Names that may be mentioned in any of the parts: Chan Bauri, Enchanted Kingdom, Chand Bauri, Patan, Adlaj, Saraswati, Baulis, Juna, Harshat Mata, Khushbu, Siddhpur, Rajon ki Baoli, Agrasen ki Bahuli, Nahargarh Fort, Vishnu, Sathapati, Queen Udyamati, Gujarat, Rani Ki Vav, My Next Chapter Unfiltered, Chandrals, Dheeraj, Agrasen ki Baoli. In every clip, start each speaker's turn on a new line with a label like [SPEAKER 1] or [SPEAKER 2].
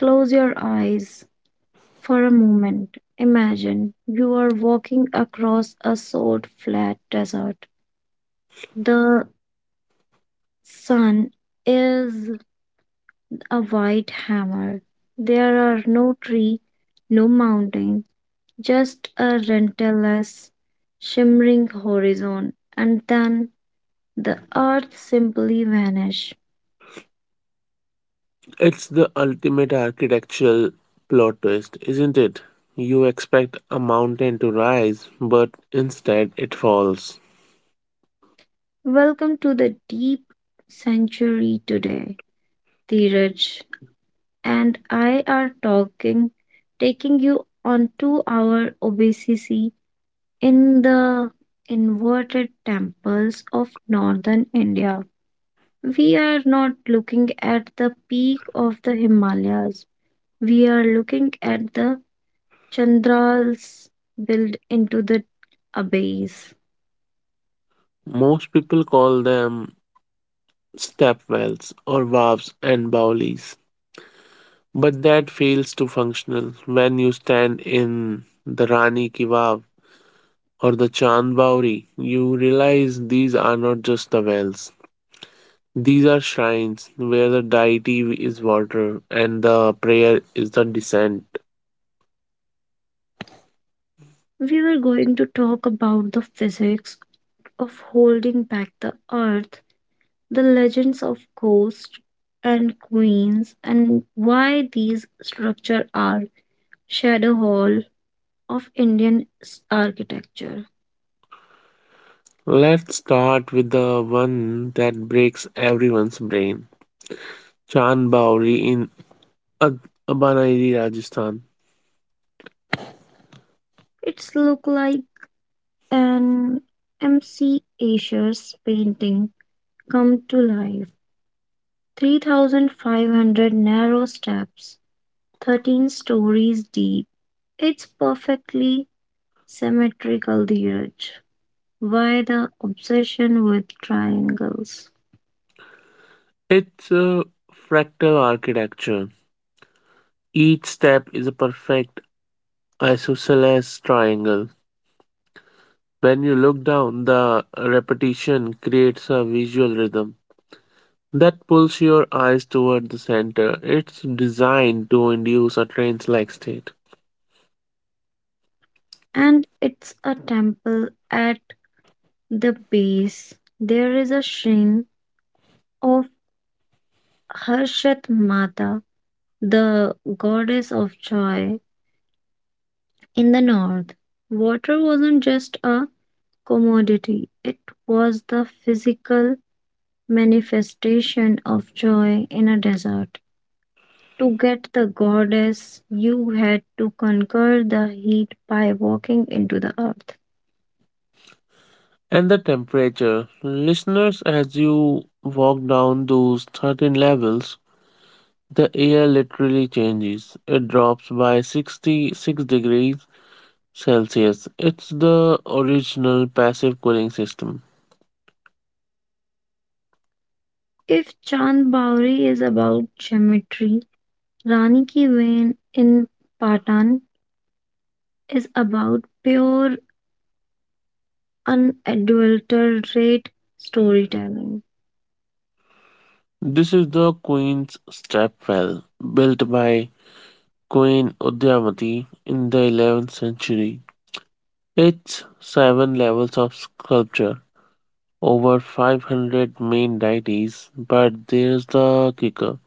[SPEAKER 1] Close your eyes for a moment. Imagine you are walking across a salt flat desert. The sun is a white hammer. There are no tree, no mountain, just a relentless shimmering horizon and then the earth simply vanish.
[SPEAKER 2] It's the ultimate architectural plot twist, isn't it? You expect a mountain to rise, but instead it falls.
[SPEAKER 1] Welcome to the deep century today, Dheeraj. And I are talking, taking you on to our obesity in the inverted temples of northern India. We are not looking at the peak of the Himalayas. We are looking at the Chandrals built into the abyss.
[SPEAKER 2] Most people call them stepwells or valves and bowlies, but that fails to functional when you stand in the Rani Ki Vav or the Chand Bauri. You realize these are not just the wells. These are shrines where the deity is water and the prayer is the descent.
[SPEAKER 1] We were going to talk about the physics of holding back the earth the legends of ghosts and queens, and why these structures are shadow hall of architecture.
[SPEAKER 2] Let's start with the one that breaks everyone's brain Chan Bauri in Ad- Rajasthan.
[SPEAKER 1] It's look like an MC Asher's painting come to life. 3,500 narrow steps, 13 stories deep. It's perfectly symmetrical, Dheeraj. Why the obsession with triangles?
[SPEAKER 2] It's a fractal architecture. Each step is a perfect isosceles triangle. When you look down, the repetition creates a visual rhythm that pulls your eyes toward the center. It's designed to induce a trance like state.
[SPEAKER 1] And it's a temple at the base. There is a shrine of Harshat Mata, the goddess of joy. In the north, water wasn't just a commodity, it was the physical manifestation of joy in a desert. To get the goddess, you had to conquer the heat by walking into the earth.
[SPEAKER 2] And the temperature. Listeners, as you walk down those 13 levels, the air literally changes. It drops by 66 degrees Celsius. It's the original passive cooling system.
[SPEAKER 1] If Chan Bauri is about geometry, Rani Ki Vain in Patan is about pure, unadulterated storytelling.
[SPEAKER 2] This is the Queen's Step Well, built by Queen Udyamati in the 11th century. It's seven levels of sculpture, over 500 main deities, but there's the kicker.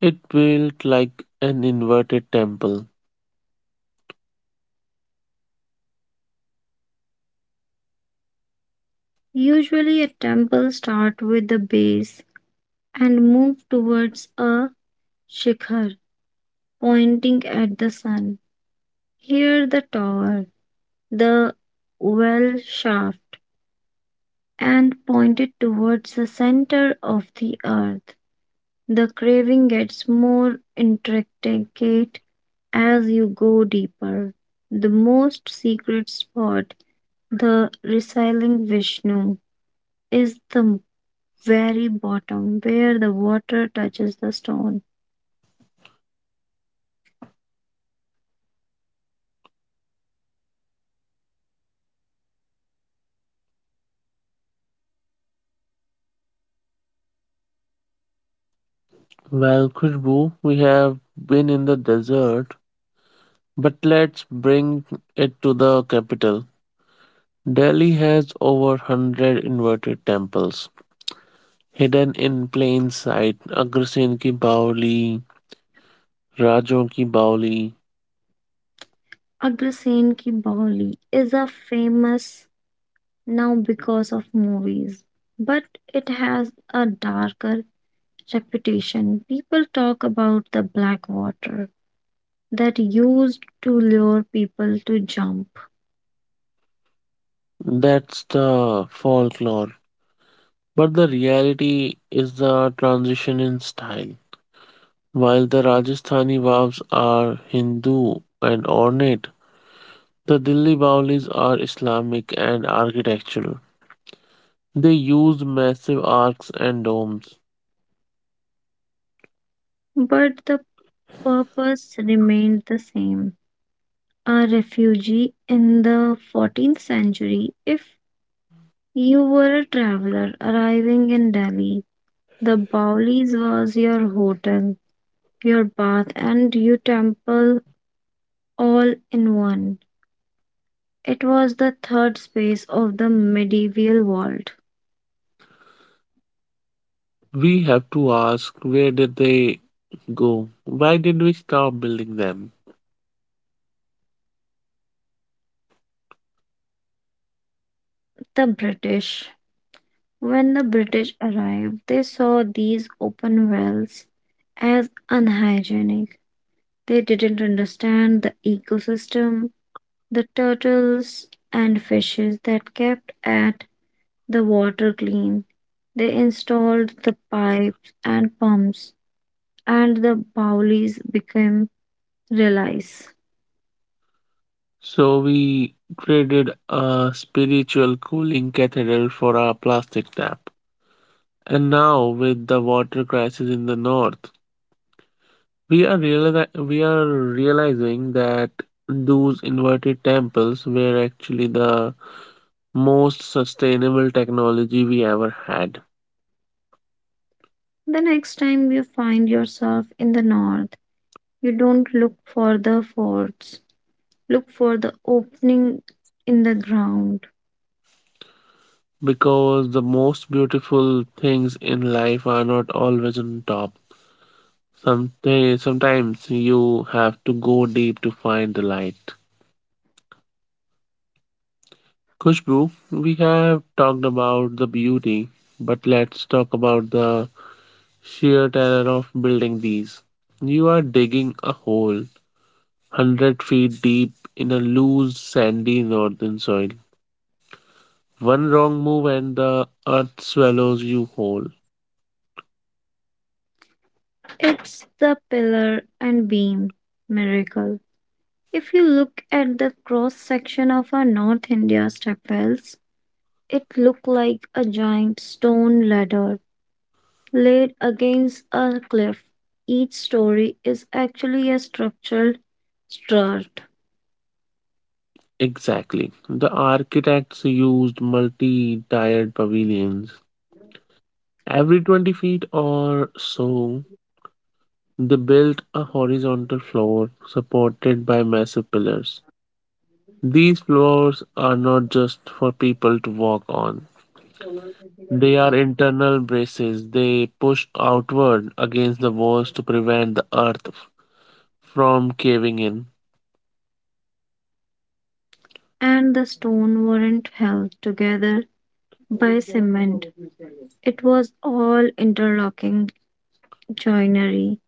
[SPEAKER 2] It built like an inverted temple.
[SPEAKER 1] Usually, a temple starts with the base and move towards a shikhar, pointing at the sun. Here, the tower, the well shaft, and pointed towards the center of the earth. The craving gets more intricate as you go deeper, the most secret spot, the resiling Vishnu, is the very bottom where the water touches the stone.
[SPEAKER 2] Well, Khushbu, we have been in the desert, but let's bring it to the capital. Delhi has over 100 inverted temples hidden in plain sight. Agrasen ki Baoli, Rajon ki Baoli.
[SPEAKER 1] Agrasen ki Bahuli is a famous now because of movies, but it has a darker reputation. People talk about the black water that used to lure people to jump,
[SPEAKER 2] That's the folklore. But the reality is the transition in style. While the Rajasthani vaves are Hindu and ornate, the Delhi Bawlis are Islamic and architectural. They used massive arcs and domes.
[SPEAKER 1] but the purpose remained the same a refugee in the 14th century. If you were a traveler arriving in Delhi, the Baulis was your hotel, your bath, and your temple all in one. It was the third space of the medieval world.
[SPEAKER 2] We have to ask where did they go? Why did we stop building them?
[SPEAKER 1] The British. When the British arrived, they saw these open wells as unhygienic. They didn't understand the ecosystem the turtles and fishes that kept at the water clean. They installed the pipes and pumps, and the bowlies became relays.
[SPEAKER 2] So we traded a spiritual cooling cathedral for our plastic tap. And now with the water crisis in the north, we are realizing that those inverted temples were actually the most sustainable technology we ever had,
[SPEAKER 1] The next time you find yourself in the north, you don't look for the forts, look for the opening in the ground.
[SPEAKER 2] because the most beautiful things in life are not always on top. Sometimes you have to go deep to find the light. Kushbu, we have talked about the beauty, but let's talk about the sheer terror of building these. You are digging a hole 100 feet deep in a loose, sandy northern soil. One wrong move and the earth swallows you whole.
[SPEAKER 1] It's the pillar and beam miracle. If you look at the cross section of our North India stepwells, it looked like a giant stone ladder laid against a cliff. Each story is actually a structural strut,
[SPEAKER 2] Exactly. The architects used multi tiered pavilions. Every 20 feet or so, they built a horizontal floor supported by massive pillars. These floors are not just for people to walk on. They are internal braces. They push outward against the walls to prevent the earth from caving in.
[SPEAKER 1] and the stone weren't held together by cement. It was all interlocking joinery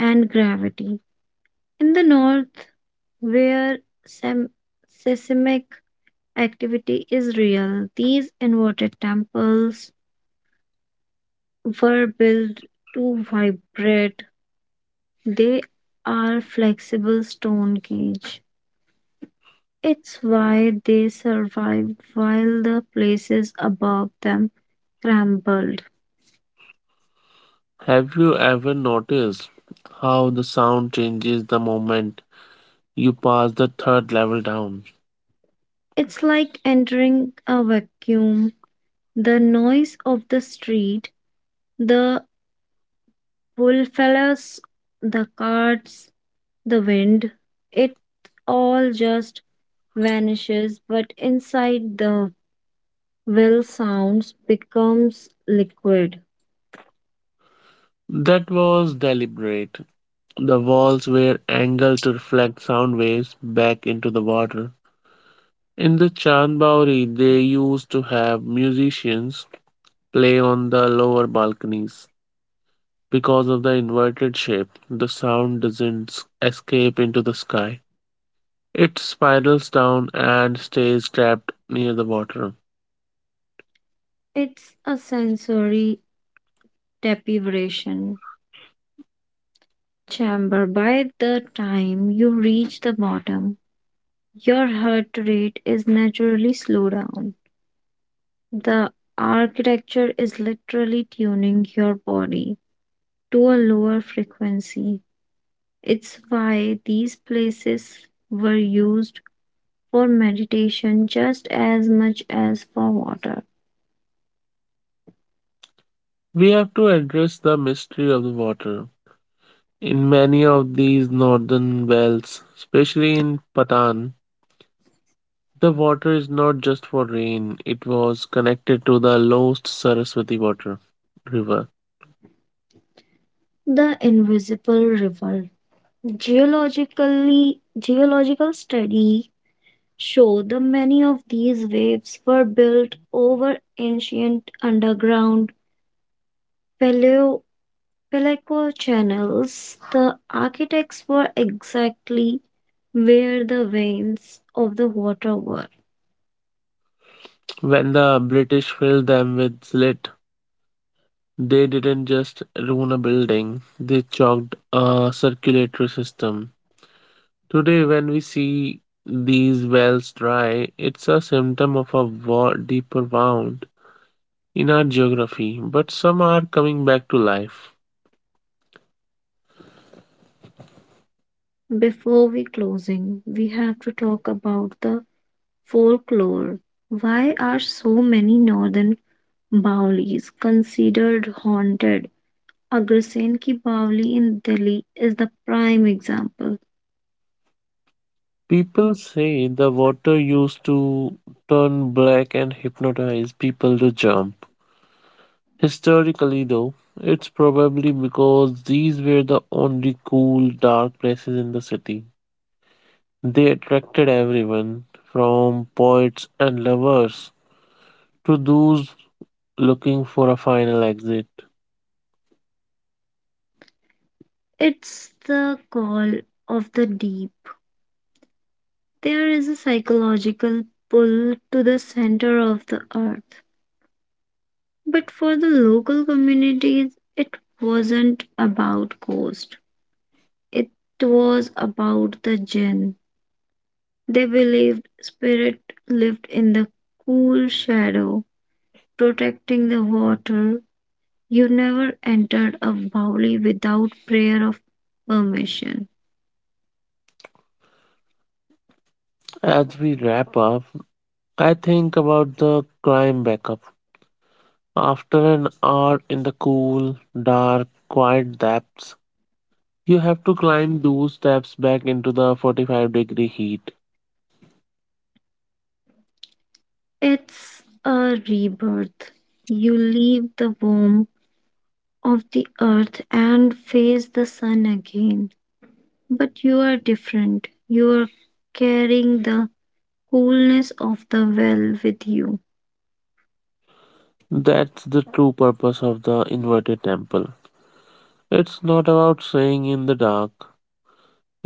[SPEAKER 1] and gravity. In the north, where sem- seismic activity is real, these inverted temples were built to vibrate. They are flexible stone cage. It's why they survived while the places above them crumbled.
[SPEAKER 2] Have you ever noticed how the sound changes the moment you pass the third level down?
[SPEAKER 1] It's like entering a vacuum. The noise of the street, the bullfellas, the carts, the wind, it all just vanishes, but inside the well sounds becomes liquid.
[SPEAKER 2] That was deliberate. The walls were angled to reflect sound waves back into the water. In the Chandbauri, they used to have musicians play on the lower balconies. Because of the inverted shape, the sound doesn't escape into the sky. It spirals down and stays trapped near the water.
[SPEAKER 1] It's a sensory deprivation chamber. By the time you reach the bottom, your heart rate is naturally slowed down. The architecture is literally tuning your body to a lower frequency. It's why these places were used for meditation just as much as for water.
[SPEAKER 2] We have to address the mystery of the water. In many of these northern wells, especially in Patan, the water is not just for rain, it was connected to the lost Saraswati water river.
[SPEAKER 1] The invisible river. Geologically, geological study show the many of these waves were built over ancient underground paleo Peleco channels, the architects were exactly where the veins of the water were.
[SPEAKER 2] When the British filled them with silt, they didn't just ruin a building, they choked a circulatory system. Today, when we see these wells dry, it's a symptom of a deeper wound in our geography, but some are coming back to life.
[SPEAKER 1] Before we closing, we have to talk about the folklore. Why are so many northern Baulis considered haunted? Agrasen ki Bauli in Delhi is the prime example.
[SPEAKER 2] People say the water used to turn black and hypnotize people to jump. Historically, though, it's probably because these were the only cool, dark places in the city. They attracted everyone, from poets and lovers to those looking for a final exit.
[SPEAKER 1] It's the call of the deep. There is a psychological pull to the center of the earth. But for the local communities, it wasn't about ghosts. It was about the jinn. They believed spirit lived in the cool shadow, protecting the water. You never entered a valley without prayer of permission.
[SPEAKER 2] As we wrap up, I think about the climb back up. After an hour in the cool, dark, quiet depths, you have to climb those steps back into the 45-degree heat.
[SPEAKER 1] It's a rebirth. You leave the womb of the earth and face the sun again. But you are different. You are carrying the coolness of the well with you.
[SPEAKER 2] That's the true purpose of the inverted temple. It's not about staying in the dark,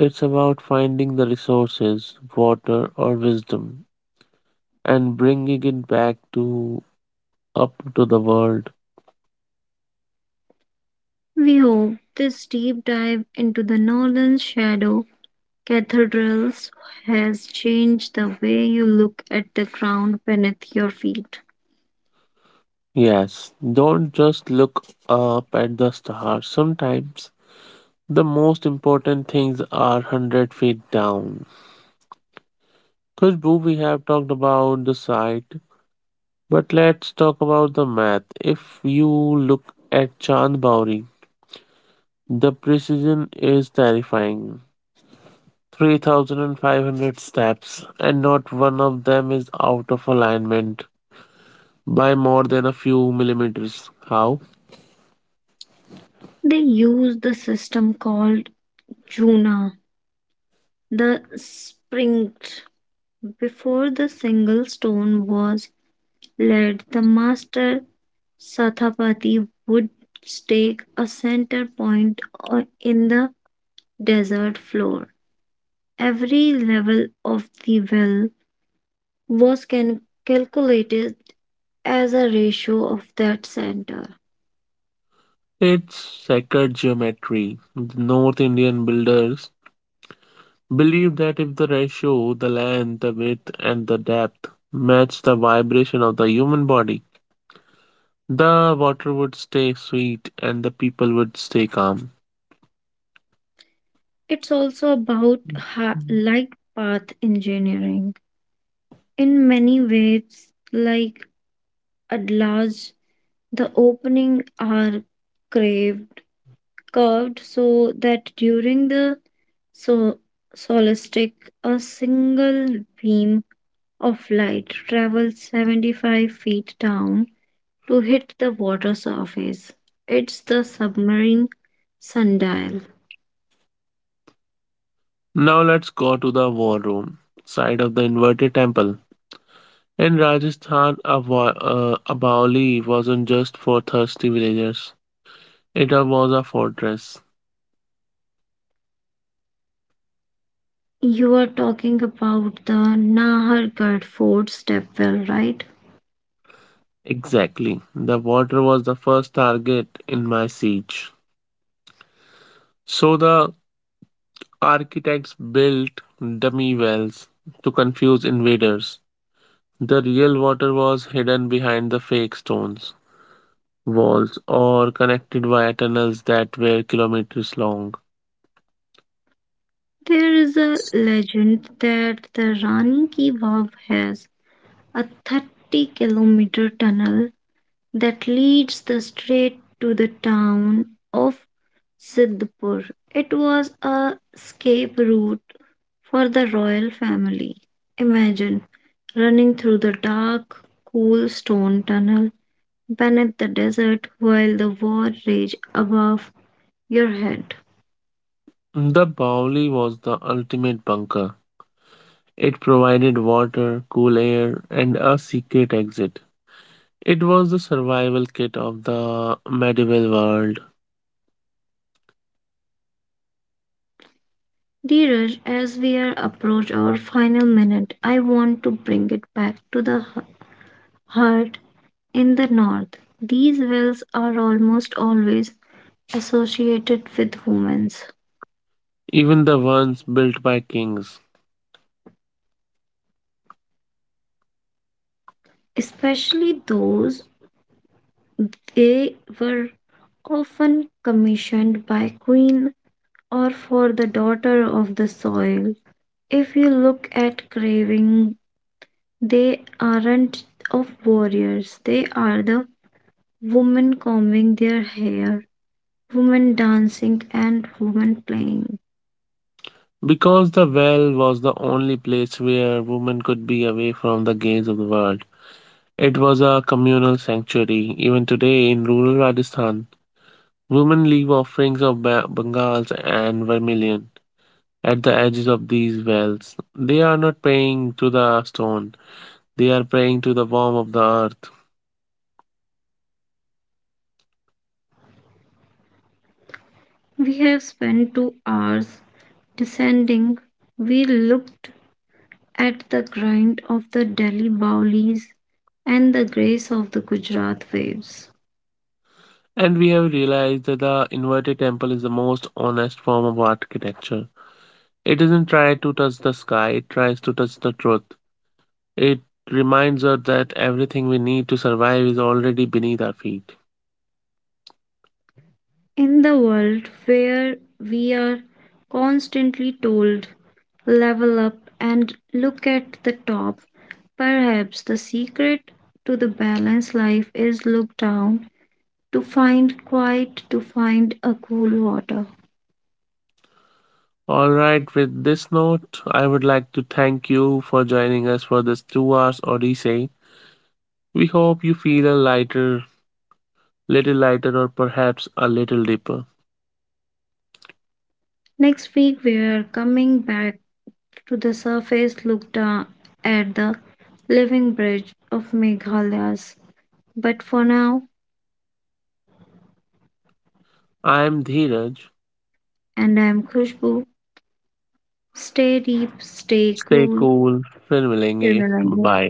[SPEAKER 2] it's about finding the resources, water, or wisdom, and bringing it back to up to the world.
[SPEAKER 1] We hope this deep dive into the northern shadow cathedrals has changed the way you look at the ground beneath your feet.
[SPEAKER 2] Yes, don't just look up at the stars. Sometimes the most important things are 100 feet down. Khushbu, we have talked about the site, but let's talk about the math. If you look at Chand Bauri, the precision is terrifying. 3,500 steps, and not one of them is out of alignment by more than a few millimeters. How?
[SPEAKER 1] They use the system called Juna, the sprint. Before the single stone was laid, the master Sathapati would stake a center in the desert floor. Every level of the well was calculated as a ratio of that center.
[SPEAKER 2] It's sacred geometry. The North Indian builders believe that if the ratio, the length, the width, and the depth match the vibration of the human body, the water would stay sweet and the people would stay calm.
[SPEAKER 1] It's also about light path engineering. In many ways, like Adlaj, the opening are craved curved so that during the so solstice a single beam of light travels 75 feet down to hit the water surface. It's the submarine sundial.
[SPEAKER 2] Now let's go to the war room side of the inverted temple. In Rajasthan, a Baoli wasn't just for thirsty villagers. It was a fortress.
[SPEAKER 1] You are talking about the Nahargarh Fort stepwell, right?
[SPEAKER 2] Exactly. The water was the first target in my siege. So the architects built dummy wells to confuse invaders. The real water was hidden behind the fake stones, walls, or connected via tunnels that were kilometers long.
[SPEAKER 1] There is a legend that the Rani Ki Vav has a 30-kilometer tunnel that leads the straight to the town of Siddhpur. It was a escape route for the royal family. Imagine running through the dark, cool stone tunnel beneath the desert while the war raged above your head.
[SPEAKER 2] The Bauli was the ultimate bunker. It provided water, cool air, and a secret exit. It was the survival kit of the medieval world,
[SPEAKER 1] Dheeraj, as we are approach our final minute, I want to bring it back to the Hut in the north. These wells are almost always associated with humans,
[SPEAKER 2] even the ones built by kings.
[SPEAKER 1] especially those they were often commissioned by queen or for the daughter of the soil. If you look at craving, they aren't of warriors. They are the women combing their hair, women dancing and women playing.
[SPEAKER 2] Because the well was the only place where women could be away from the gaze of the world. It was a communal sanctuary. Even today, in rural Rajasthan, women leave offerings of bangals and vermilion at the edges of these wells. They are not praying to the stone, they are praying to the warmth of the earth.
[SPEAKER 1] We have spent 2 hours descending. We looked at the grind of the Delhi Baulis and the grace of the Gujarat waves.
[SPEAKER 2] And we have realized that the inverted temple is the most honest form of architecture. It doesn't try to touch the sky, it tries to touch the truth. It reminds us that everything we need to survive is already beneath our feet.
[SPEAKER 1] In the world where we are constantly told, level up and look at the top, perhaps the secret to the balanced life is look down to find quiet, to find a cool water.
[SPEAKER 2] Alright, with this note, I would like to thank you for joining us for this 2 hours odyssey. We hope you feel little lighter, or perhaps a little deeper.
[SPEAKER 1] Next week, we are coming back to the surface looked at the living bridge of Meghalaya's. But for now,
[SPEAKER 2] I am Dheeraj.
[SPEAKER 1] and I am Khushbu, stay deep, stay
[SPEAKER 2] Stay
[SPEAKER 1] cool,
[SPEAKER 2] cool. Fin milenge.
[SPEAKER 1] remember.
[SPEAKER 2] Bye.